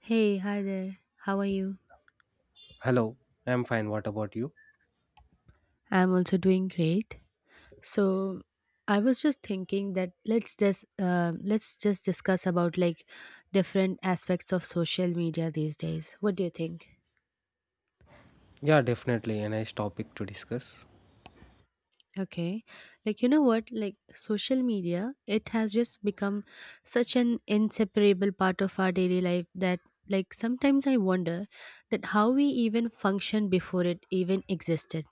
Hey, hi there. How are you? Hello, I'm fine. What about you? I'm also doing great. So, I was just thinking that let's just discuss about like different aspects of social media these days. What do you think? Yeah, definitely a nice topic to discuss. Okay. Like, you know what? Like, social media, it has just become such an inseparable part of our daily life that, like, sometimes I wonder that how we even function before it even existed.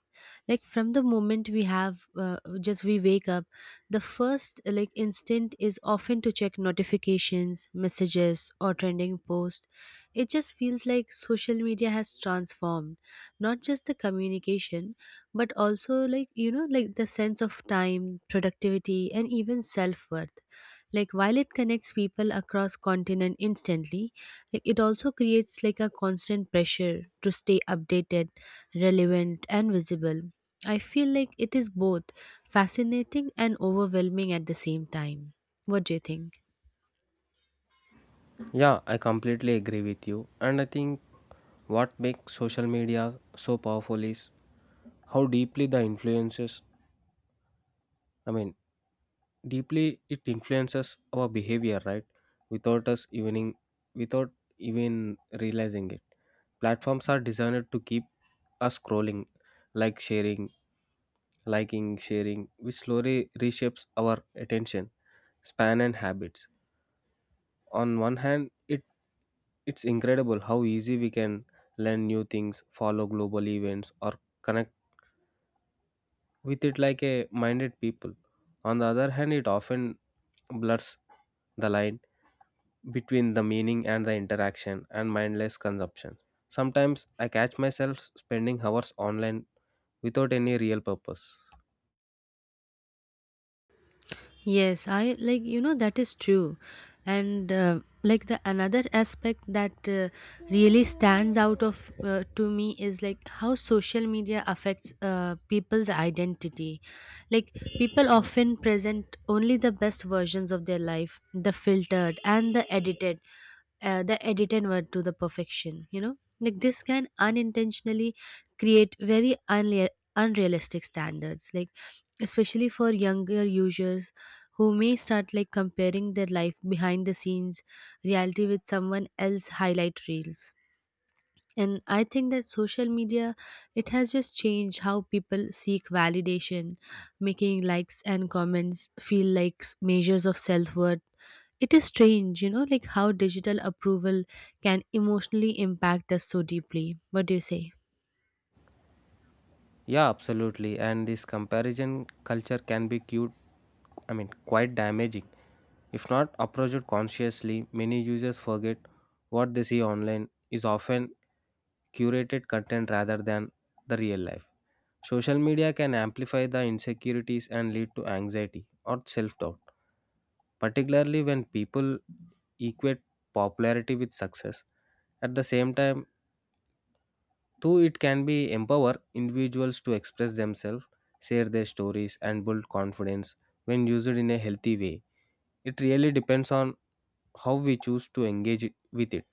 Like, from the moment we have, just we wake up, the first, like, instinct is often to check notifications, messages, or trending posts. It just feels like social media has transformed not just the communication but also like the sense of time, productivity, and even self-worth. Like, while it connects people across continent instantly, like, it also creates like a constant pressure to stay updated, relevant, and visible. I feel like it is both fascinating and overwhelming at the same time. What do you think? Yeah, I completely agree with you. And I think what makes social media so powerful is how deeply the influences, I mean, deeply it influences our behavior, right? Without us even without even realizing it. Platforms are designed to keep us scrolling, like sharing, liking, sharing, which slowly reshapes our attention span and habits. On one hand, it's incredible how easy we can learn new things, follow global events, or connect with it, like a minded people. On the other hand, it often blurs the line between the meaning and the interaction and mindless consumption. Sometimes I catch myself spending hours online without any real purpose. Yes, I like, that is true, and like the another aspect that really stands out of to me is like how social media affects people's identity. Like, people often present only the best versions of their life, the filtered and the edited word to the perfection. You know, like this can unintentionally create very unrealistic standards. Like, especially for younger users who may start like comparing their life behind the scenes reality with someone else highlight reels. And I think that social media, it has just changed how people seek validation, making likes and comments feel like measures of self-worth. It is strange, like how digital approval can emotionally impact us so deeply. What do you say? Yeah, absolutely. And this comparison culture can be cute I mean quite damaging. If not approached consciously, many users forget what they see online is often curated content rather than the real life. Social media can amplify the insecurities and lead to anxiety or self doubt, particularly when people equate popularity with success. At the same time, too, it can be empower individuals to express themselves, share their stories, and build confidence when used in a healthy way. It really depends on how we choose to engage with it.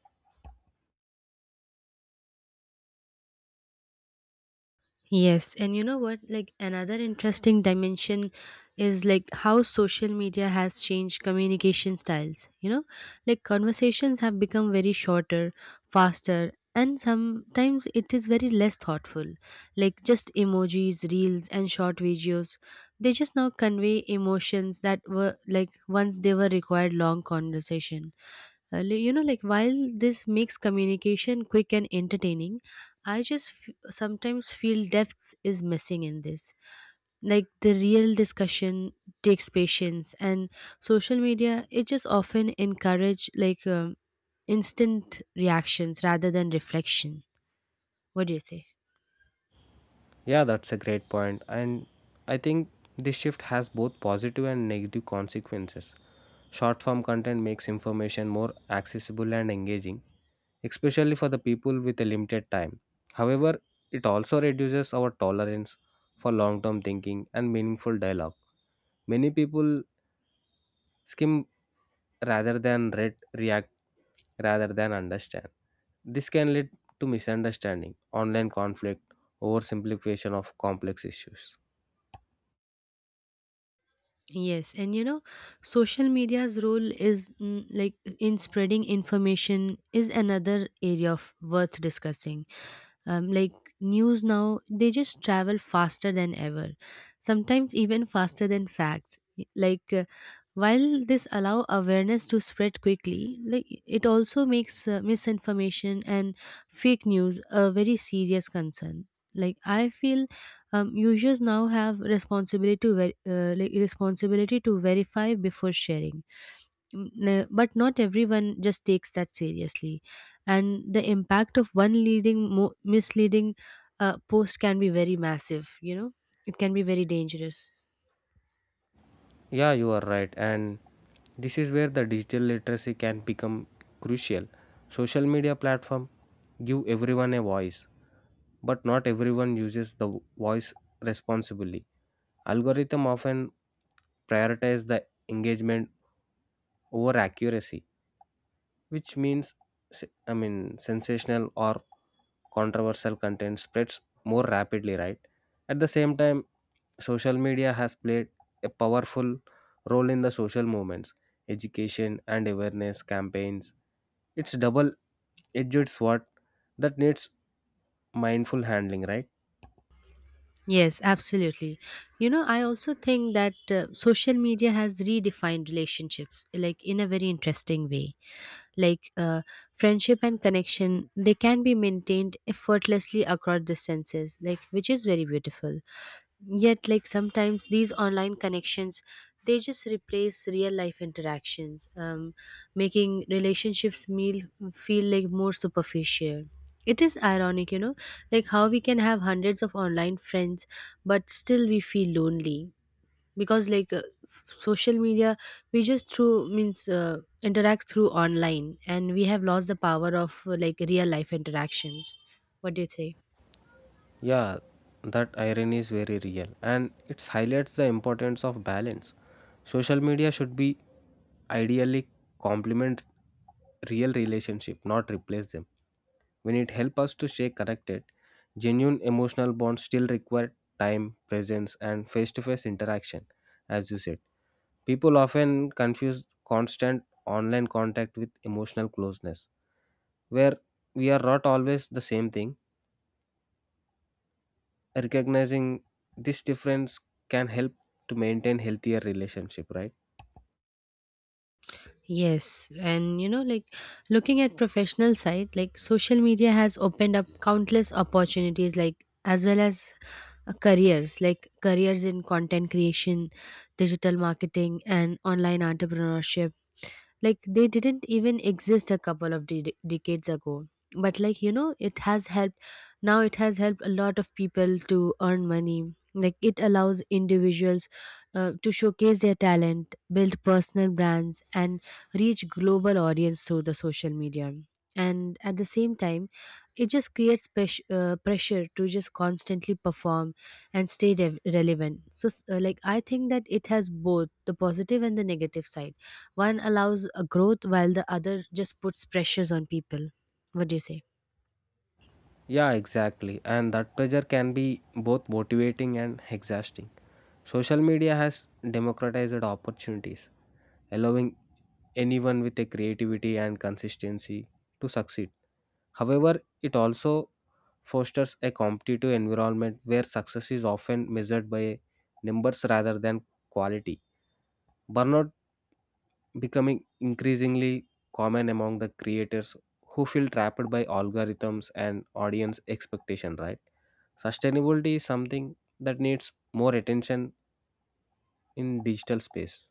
Yes, and you know what? Like, another interesting dimension is like how social media has changed communication styles. You know, like conversations have become very shorter, faster, and sometimes it is very less thoughtful. Like, just emojis, reels, and short videos. They just now convey emotions that were like once they were required long conversation. Like while this makes communication quick and entertaining, I just sometimes feel depth is missing in this, like the real discussion takes patience, and social media, it just often encourage like instant reactions rather than reflection. What do you say? Yeah, that's a great point. And I think this shift has both positive and negative consequences. Short form content makes information more accessible and engaging, especially for the people with a limited time. However, it also reduces our tolerance for long term thinking and meaningful dialogue. Many people skim rather than read, react rather than understand. This can lead to misunderstanding, online conflict, oversimplification of complex issues. Yes, and social media's role is like in spreading information is another area of worth discussing. Like news now, they just travel faster than ever, sometimes even faster than facts. Like while this allow awareness to spread quickly, like it also makes misinformation and fake news a very serious concern. Like, I feel users now have responsibility to verify before sharing. But not everyone just takes that seriously, and the impact of one misleading post can be very massive, you know. It can be very dangerous. Yeah, you are right. And this is where the digital literacy can become crucial. Social media platform give everyone a voice, but not everyone uses the voice responsibly. Algorithm often prioritize the engagement over accuracy, which means sensational or controversial content spreads more rapidly, right? At the same time, social media has played a powerful role in the social movements, education, and awareness campaigns. It's double edged sword that needs mindful handling, right? Yes, absolutely. I also think that social media has redefined relationships like in a very interesting way. Like friendship and connection, they can be maintained effortlessly across distances, like which is very beautiful. Yet, like sometimes these online connections, they just replace real life interactions, making relationships meal feel like more superficial. It is ironic, you know, like how we can have hundreds of online friends, but still we feel lonely, because like social media, we just through means interact through online, and we have lost the power of like real life interactions. What do you think? Yeah, that irony is very real and it highlights the importance of balance. Social media should be ideally complement real relationship, not replace them. When it helps us to stay connected, genuine emotional bonds still require time, presence, and face to face interaction, as you said. People often confuse constant online contact with emotional closeness, where we are not always the same thing. Recognizing this difference can help to maintain healthier relationship, right? Yes, and like looking at professional side, like social media has opened up countless opportunities, like as well as careers in content creation, digital marketing, and online entrepreneurship, like they didn't even exist a couple of decades ago. But, like it has helped now it has helped a lot of people to earn money. Like, it allows individuals to showcase their talent, build personal brands, and reach global audience through the social media. And at the same time, it just creates pressure to just constantly perform and stay rev relevant. So like, I think that it has both the positive and the negative side. One allows a growth while the other just puts pressures on people. What do you say? Yeah, exactly. And that pressure can be both motivating and exhausting. Social media has democratized opportunities, allowing anyone with a creativity and consistency to succeed. However, it also fosters a competitive environment where success is often measured by numbers rather than quality. Burnout becoming increasingly common among the creators who feel trapped by algorithms and audience expectation, right? Sustainability is something that needs more attention in digital space.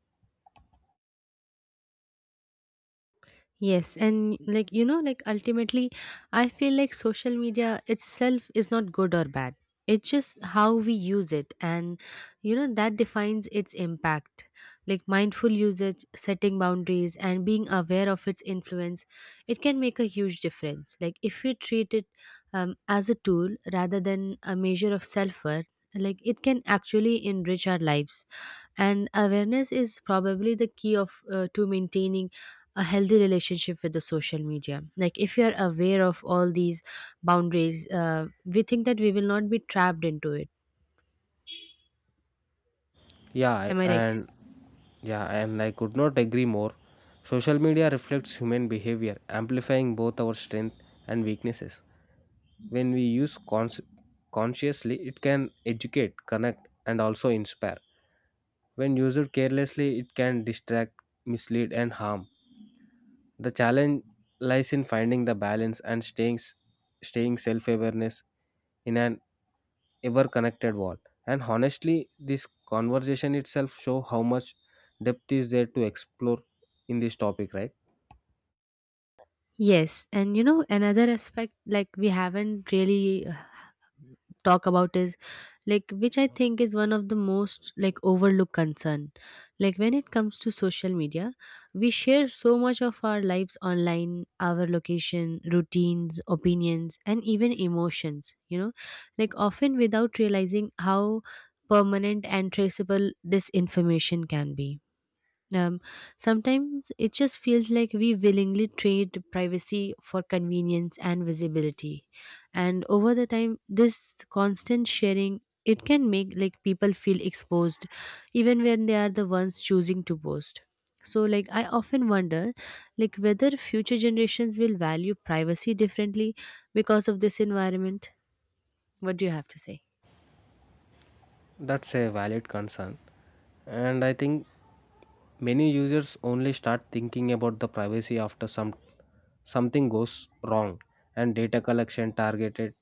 Yes, and like, like ultimately, I feel like social media itself is not good or bad. It's just how we use it, and you know, that defines its impact. Like, mindful usage, setting boundaries, and being aware of its influence, it can make a huge difference. Like, if we treat it as a tool rather than a measure of self worth, like, it can actually enrich our lives, and awareness is probably the key of to maintaining a healthy relationship with the social media. Like, if you are aware of all these boundaries we think that we will not be trapped into it. Yeah, I- Am I right? and yeah, and I could not agree more. Social media reflects human behavior, amplifying both our strength and weaknesses. When we use consciously, it can educate, connect, and also inspire. When used carelessly, it can distract, mislead, and harm. The challenge lies in finding the balance and staying self-awareness in an ever connected wall. And honestly, this conversation itself show how much depth is there to explore in this topic, right? Yes, and another aspect, like we haven't really talk about is, like, which I think is one of the most like overlooked concern, like when it comes to social media. We share so much of our lives online, our location, routines, opinions, and even emotions, you know, like often without realizing how permanent and traceable this information can be. um, sometimes it just feels like we willingly trade privacy for convenience and visibility. And over the time, this constant sharing, it can make like people feel exposed, even when they are the ones choosing to post. So, like, I often wonder, like whether future generations will value privacy differently because of this environment. What do you have to say? That's a valid concern. And I think many users only start thinking about the privacy after something goes wrong. And data collection, targeted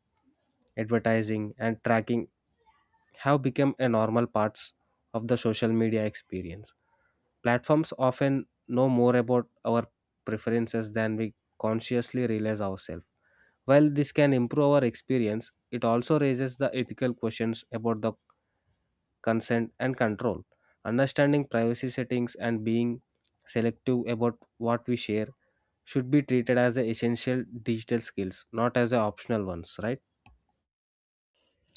advertising, and tracking have become a normal parts of the social media experience. Platforms often know more about our preferences than we consciously realize ourselves. While this can improve our experience, it also raises the ethical questions about the consent and control. Understanding privacy settings and being selective about what we share should be treated as an essential digital skills, not as a optional ones, right?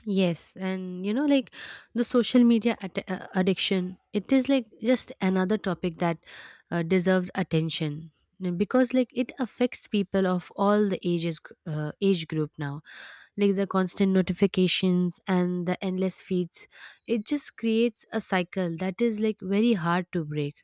Yes, and like the social media addiction, it is like just another topic that deserves attention. Because like it affects people of all the age group now. Like, the constant notifications and the endless feeds, it just creates a cycle that is like very hard to break.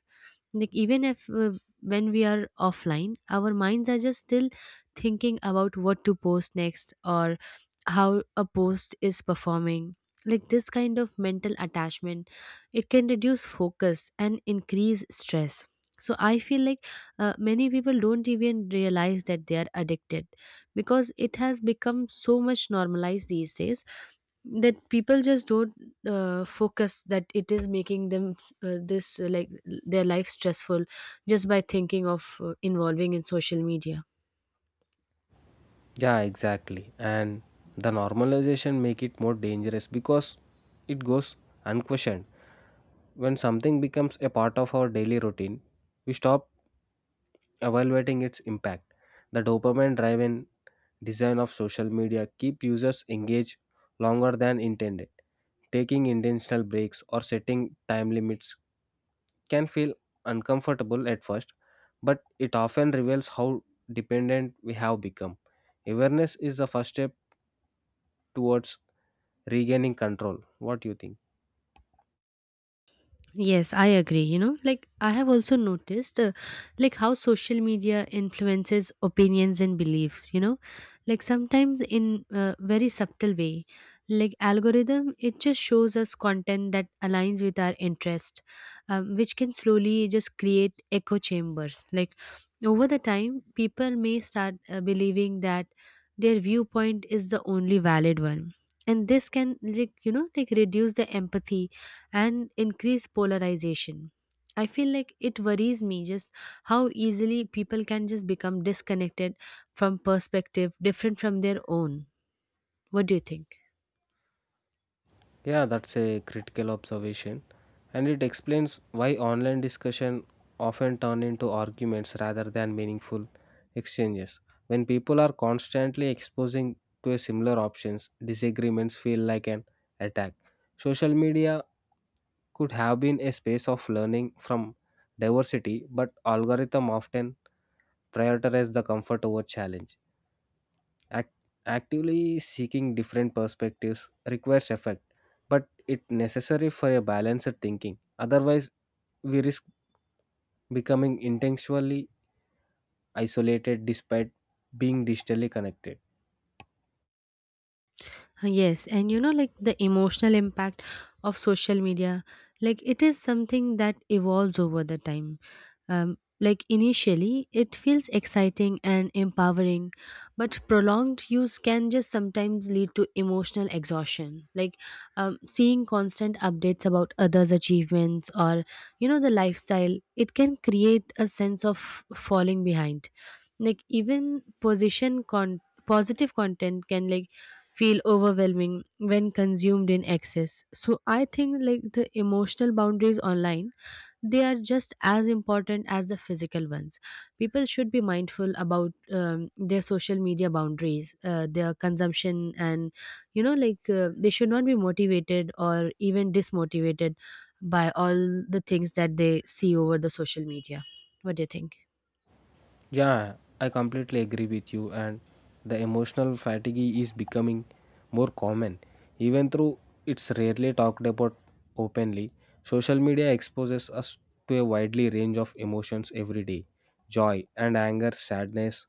Like, even if when we are offline, our minds are just still thinking about what to post next or how a post is performing. Like, this kind of mental attachment, it can reduce focus and increase stress. So I feel like many people don't even realize that they are addicted, because it has become so much normalized these days that people just don't focus that it is making them this like their life stressful, just by thinking of involving in social media. Yeah, exactly. And the normalization make it more dangerous because it goes unquestioned. When something becomes a part of our daily routine, we stop evaluating its impact. The dopamine driven design of social media keep users engaged longer than intended. Taking intentional breaks or setting time limits can feel uncomfortable at first, but it often reveals how dependent we have become. Awareness is the first step towards regaining control. What do you think? Yes, I agree. Like I have also noticed, like how social media influences opinions and beliefs. Like sometimes in a very subtle way, like algorithm, it just shows us content that aligns with our interest, which can slowly just create echo chambers. Like, over the time, people may start believing that their viewpoint is the only valid one, and this can like reduce the empathy and increase polarization. I feel like it worries me just how easily people can just become disconnected from perspective different from their own. What do you think? Yeah, that's a critical observation, and it explains why online discussion often turn into arguments rather than meaningful exchanges. When people are constantly exposing to a similar options, disagreements feel like an attack. Social media could have been a space of learning from diversity, but algorithm often prioritize the comfort over challenge. Act- actively seeking different perspectives requires effort, but it necessary for a balanced thinking. Otherwise, we risk becoming intentionally isolated despite being digitally connected. Yes, and like the emotional impact of social media, like it is something that evolves over the time. Like initially, it feels exciting and empowering, but prolonged use can just sometimes lead to emotional exhaustion. Like seeing constant updates about others' achievements or, the lifestyle, it can create a sense of falling behind. Like, even positive content can like feel overwhelming when consumed in excess. So I think like the emotional boundaries online, they are just as important as the physical ones. People should be mindful about their social media boundaries, their consumption, and like they should not be motivated or even dismotivated by all the things that they see over the social media. What do you think? Yeah, I completely agree with you. And the emotional fatigue is becoming more common, even though it's rarely talked about openly. Social media exposes us to a widely range of emotions every day: joy and anger, sadness,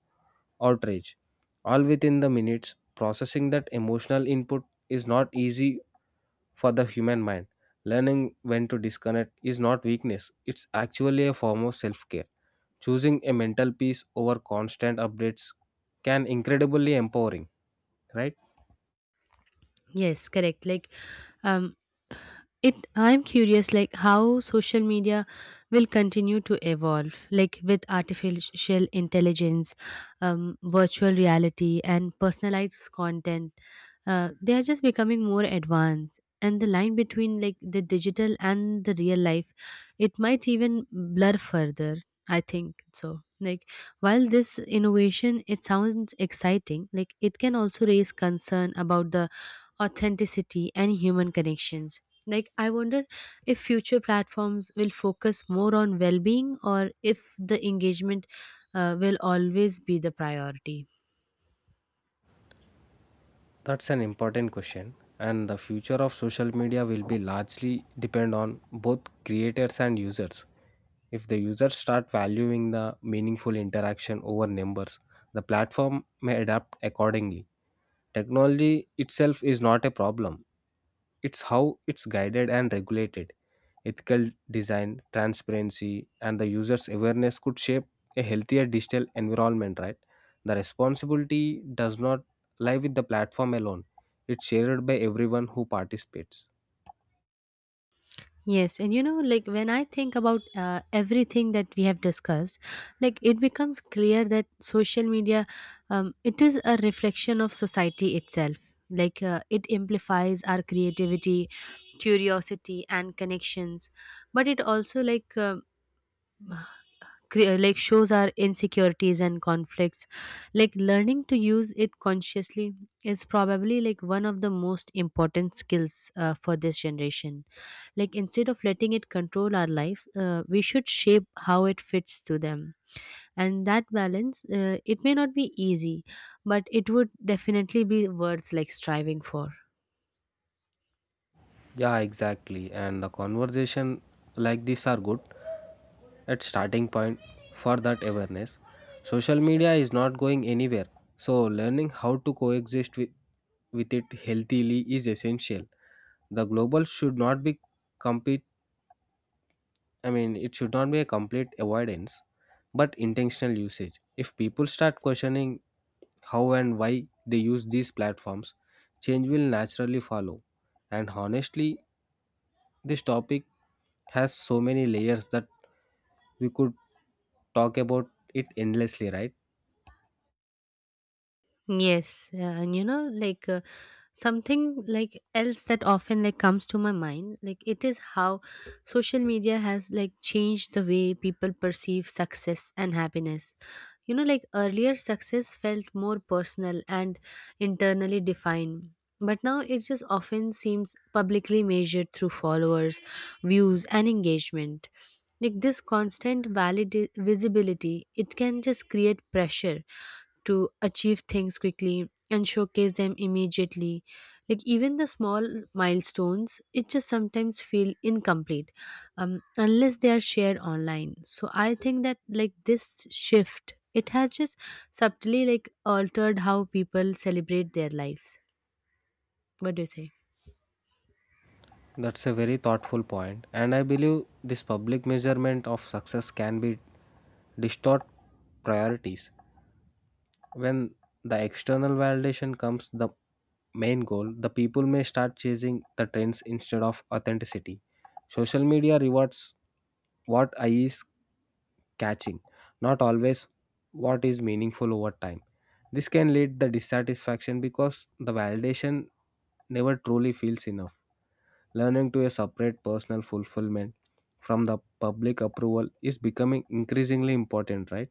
outrage, all within the minutes. Processing that emotional input is not easy for the human mind. Learning when to disconnect is not weakness, it's actually a form of self care. Choosing a mental peace over constant updates can incredibly empowering, right? Yes, correct. Like um it I'm curious like how social media will continue to evolve, like with artificial intelligence, virtual reality, and personalized content. They are just becoming more advanced, and the line between like the digital and the real life, it might even blur further, I think so. Like, while this innovation it sounds exciting, like it can also raise concern about the authenticity and human connections. Like, I wonder if future platforms will focus more on well being or if the engagement will always be the priority. That's an important question, and the future of social media will be largely depend on both creators and users. If the users start valuing the meaningful interaction over numbers, the platform may adapt accordingly. Technology itself is not a problem, it's how it's guided and regulated. Ethical design, transparency, and the user's awareness could shape a healthier digital environment, right? The responsibility does not lie with the platform alone, it's shared by everyone who participates. Yes, and like when I think about everything that we have discussed, like it becomes clear that social media, it is a reflection of society itself. Like it amplifies our creativity, curiosity, and connections, but it also like shows our insecurities and conflicts. Like learning to use it consciously is probably like one of the most important skills for this generation. Like instead of letting it control our lives we should shape how it fits to them, and that balance it may not be easy, but it would definitely be worth like striving for. Yeah, exactly. And the conversation like this are good at starting point for that awareness. Social media is not going anywhere. So learning how to coexist with it healthily is essential. The global should not be compete. I mean it should not be a complete avoidance, but intentional usage. If people start questioning how and why they use these platforms, change will naturally follow. And honestly, this topic has so many layers that we could talk about it endlessly, right? Yes, and you know like something like else that often like comes to my mind, like it is how social media has like changed the way people perceive success and happiness. You know, like earlier success felt more personal and internally defined, but now it just often seems publicly measured through followers, views, and engagement. Like this constant valid visibility, it can just create pressure to achieve things quickly and showcase them immediately. Like even the small milestones, it just sometimes feel incomplete unless they are shared online. So I think that like this shift, it has just subtly like altered how people celebrate their lives. What do you say? That's a very thoughtful point, and I believe this public measurement of success can be distort priorities. When the external validation comes the main goal, the people may start chasing the trends instead of authenticity. Social media rewards what I is catching, not always what is meaningful over time. This can lead the dissatisfaction because the validation never truly feels enough. Learning to a separate personal fulfillment from the public approval is becoming increasingly important, right?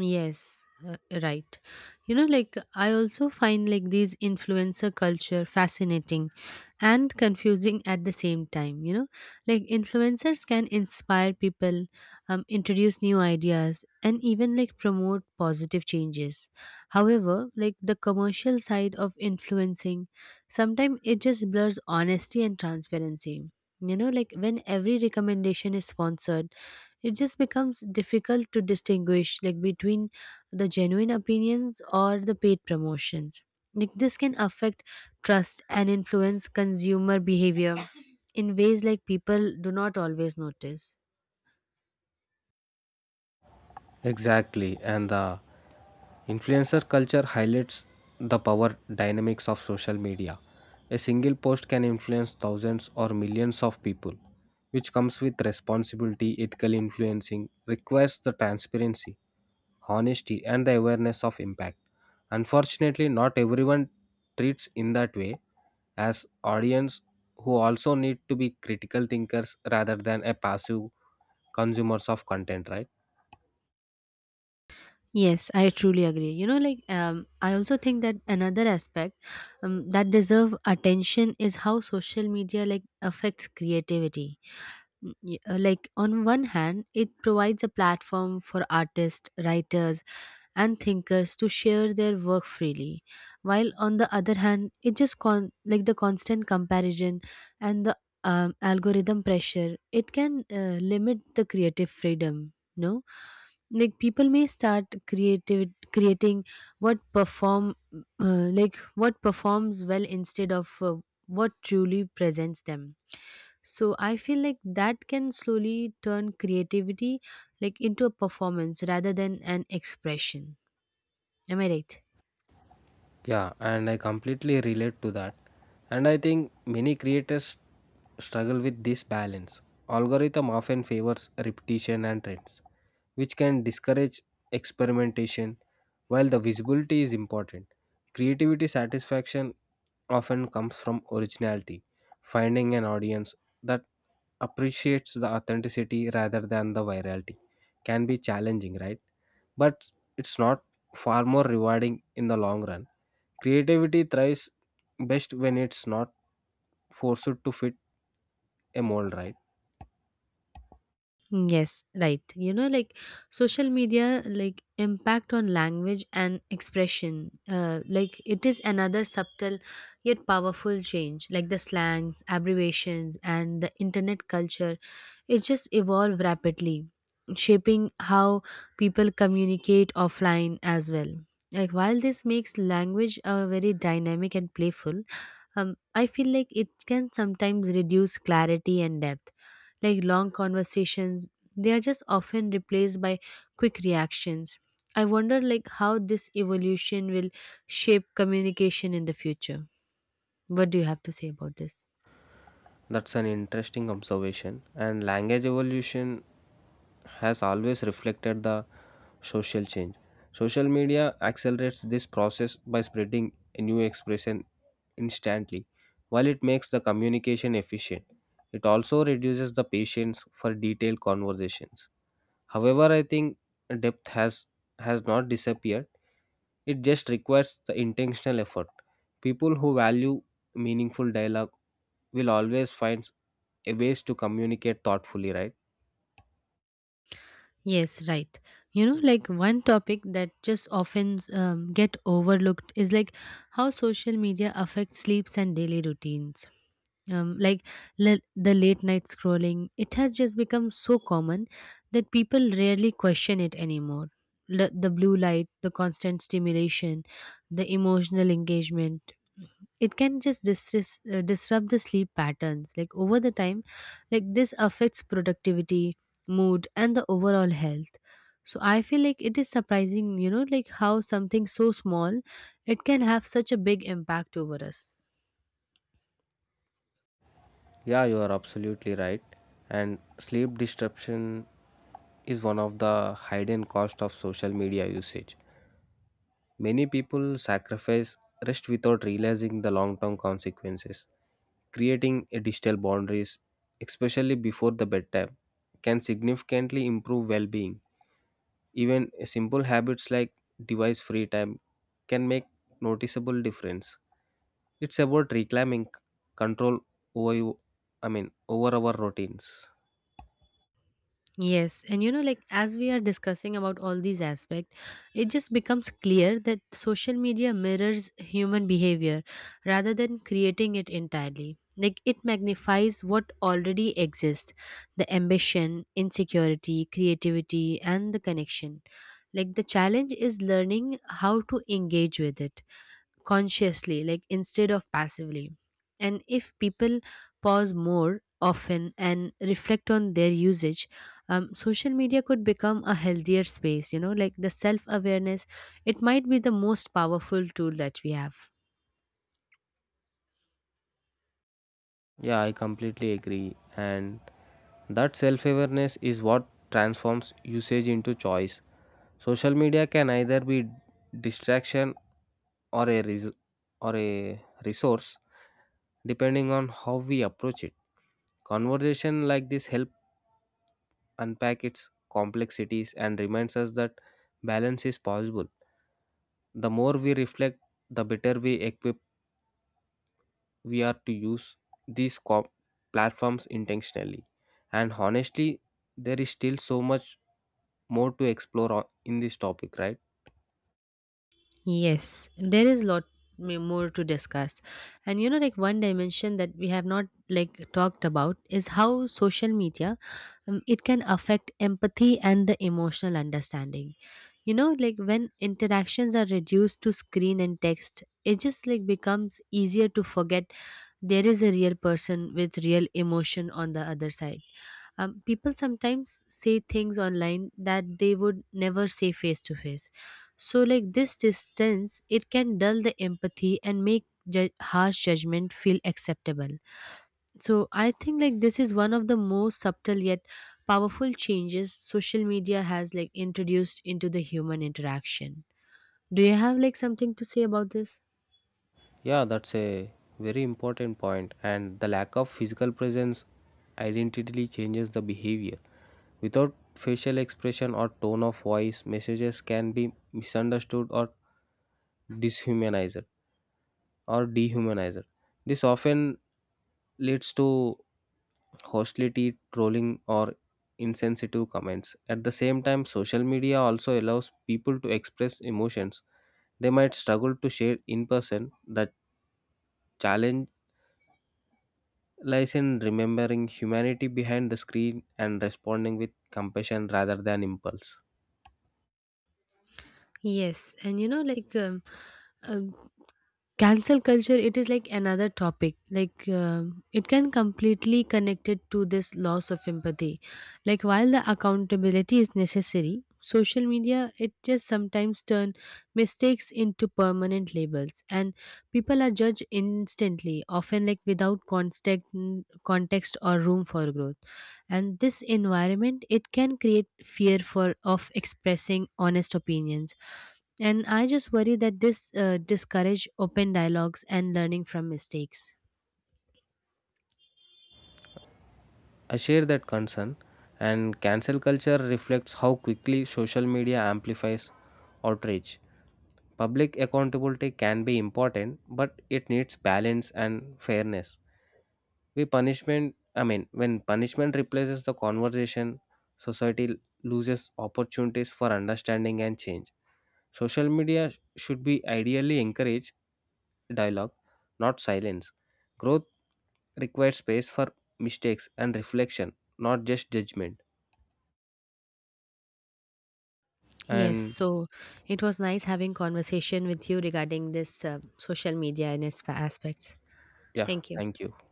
Yes, right. You know, like I also find like these influencer culture fascinating and confusing at the same time. You know, like influencers can inspire people, introduce new ideas, and even like promote positive changes. However, like the commercial side of influencing, sometimes it just blurs honesty and transparency. You know, like when every recommendation is sponsored, it just becomes difficult to distinguish like between the genuine opinions or the paid promotions. Like this can affect trust and influence consumer behavior in ways like people do not always notice. Exactly, and the influencer culture highlights the power dynamics of social media. A single post can influence thousands or millions of people, which comes with responsibility. Ethical influencing requires the transparency, honesty, and the awareness of impact. Unfortunately, not everyone treats in that way as audience who also need to be critical thinkers rather than a passive consumers of content, right? Yes, I truly agree. You know, like I also think that another aspect that deserve attention is how social media like affects creativity. Like on one hand it provides a platform for artists, writers, and thinkers to share their work freely, while on the other hand it just like the constant comparison and the algorithm pressure, it can limit the creative freedom, no? Like people may start creative creating what perform like what performs well instead of what truly presents them. So I feel like that can slowly turn creativity like into a performance rather than an expression. Nummer 8. Yeah, and I completely relate to that. And I think many creators struggle with this balance. Algorithm often favors repetition and trends, which can discourage experimentation. While the visibility is important, creativity satisfaction often comes from originality. Finding an audience that appreciates the authenticity rather than the virality can be challenging, right? But it's not far more rewarding in the long run. Creativity thrives best when it's not forced to fit a mold, right? Yes, right. You know, like social media, like impact on language and expression, like it is another subtle yet powerful change. Like the slangs, abbreviations, and the internet culture, it just evolve rapidly, shaping how people communicate offline as well. Like while this makes language very dynamic and playful, I feel like it can sometimes reduce clarity and depth. Like long conversations, they are just often replaced by quick reactions. I wonder like how this evolution will shape communication in the future. What do you have to say about this? That's an interesting observation. And language evolution has always reflected the social change. Social media accelerates this process by spreading a new expression instantly. While it makes the communication efficient, it also reduces the patience for detailed conversations. However, I think depth has not disappeared. It just requires the intentional effort. People who value meaningful dialogue will always find a ways to communicate thoughtfully, right? Yes, right. You know, like one topic that just often get overlooked is like how social media affects sleeps and daily routines. Like the late night scrolling, it has just become so common that people rarely question it anymore. The blue light, the constant stimulation, the emotional engagement, it can just disrupt the sleep patterns like over the time. Like this affects productivity, mood, and the overall health. So I feel like it is surprising. You know, like how something so small, it can have such a big impact over us. Yeah, you are absolutely right. And sleep disruption is one of the hidden cost of social media usage. Many people sacrifice rest without realizing the long-term consequences. Creating a digital boundaries, especially before the bedtime, can significantly improve well-being. Even simple habits like device free time can make noticeable difference. It's about reclaiming control over you, I mean over our routines. Yes, and you know, like as we are discussing about all these aspects, it just becomes clear that social media mirrors human behavior rather than creating it entirely. Like it magnifies what already exists: the ambition, insecurity, creativity, and the connection. Like the challenge is learning how to engage with it consciously, like instead of passively. And if people pause more often and reflect on their usage, social media could become a healthier space. You know, like the self awareness, it might be the most powerful tool that we have. Yeah, I completely agree. And that self awareness is what transforms usage into choice. Social media can either be distraction or or a resource depending on how we approach it. Conversation like this help unpack its complexities and reminds us that balance is possible. The more we reflect, the better we are to use these platforms intentionally. And honestly, there is still so much more to explore in this topic, right? Yes, there is lot more to discuss. And you know, like one dimension that we have not like talked about is how social media it can affect empathy and the emotional understanding. You know, like when interactions are reduced to screen and text, it just like becomes easier to forget there is a real person with real emotion on the other side. People sometimes say things online that they would never say face to face. So like this distance, it can dull the empathy and make harsh judgment feel acceptable. So I think like this is one of the most subtle yet powerful changes social media has like introduced into the human interaction. Do you have like something to say about this? Yeah, that's a very important point. And the lack of physical presence identically changes the behavior. Without facial expression or tone of voice, messages can be misunderstood or dishumanized. Or dehumanizer. This often leads to hostility, trolling, or insensitive comments. At the same time, social media also allows people to express emotions they might struggle to share in person. The challenge lies in remembering humanity behind the screen and responding with compassion rather than impulse. Yes, and you know, like uh, cancel culture, it is like another topic like it can completely connected to this loss of empathy. Like while the accountability is necessary, social media it just sometimes turn mistakes into permanent labels, and people are judged instantly, often like without context or room for growth. And this environment, it can create fear for of expressing honest opinions. And I just worry that this discourage open dialogues and learning from mistakes. I share that concern, and cancel culture reflects how quickly social media amplifies outrage. Public accountability can be important, but it needs balance and fairness. We punishment, I mean, when punishment replaces the conversation, society loses opportunities for understanding and change. Social media should be ideally encourage dialogue, not silence. Growth requires space for mistakes and reflection, not just judgment. Yes, And so it was nice having conversation with you regarding this social media and its aspects. yeah, Thank you. thank you.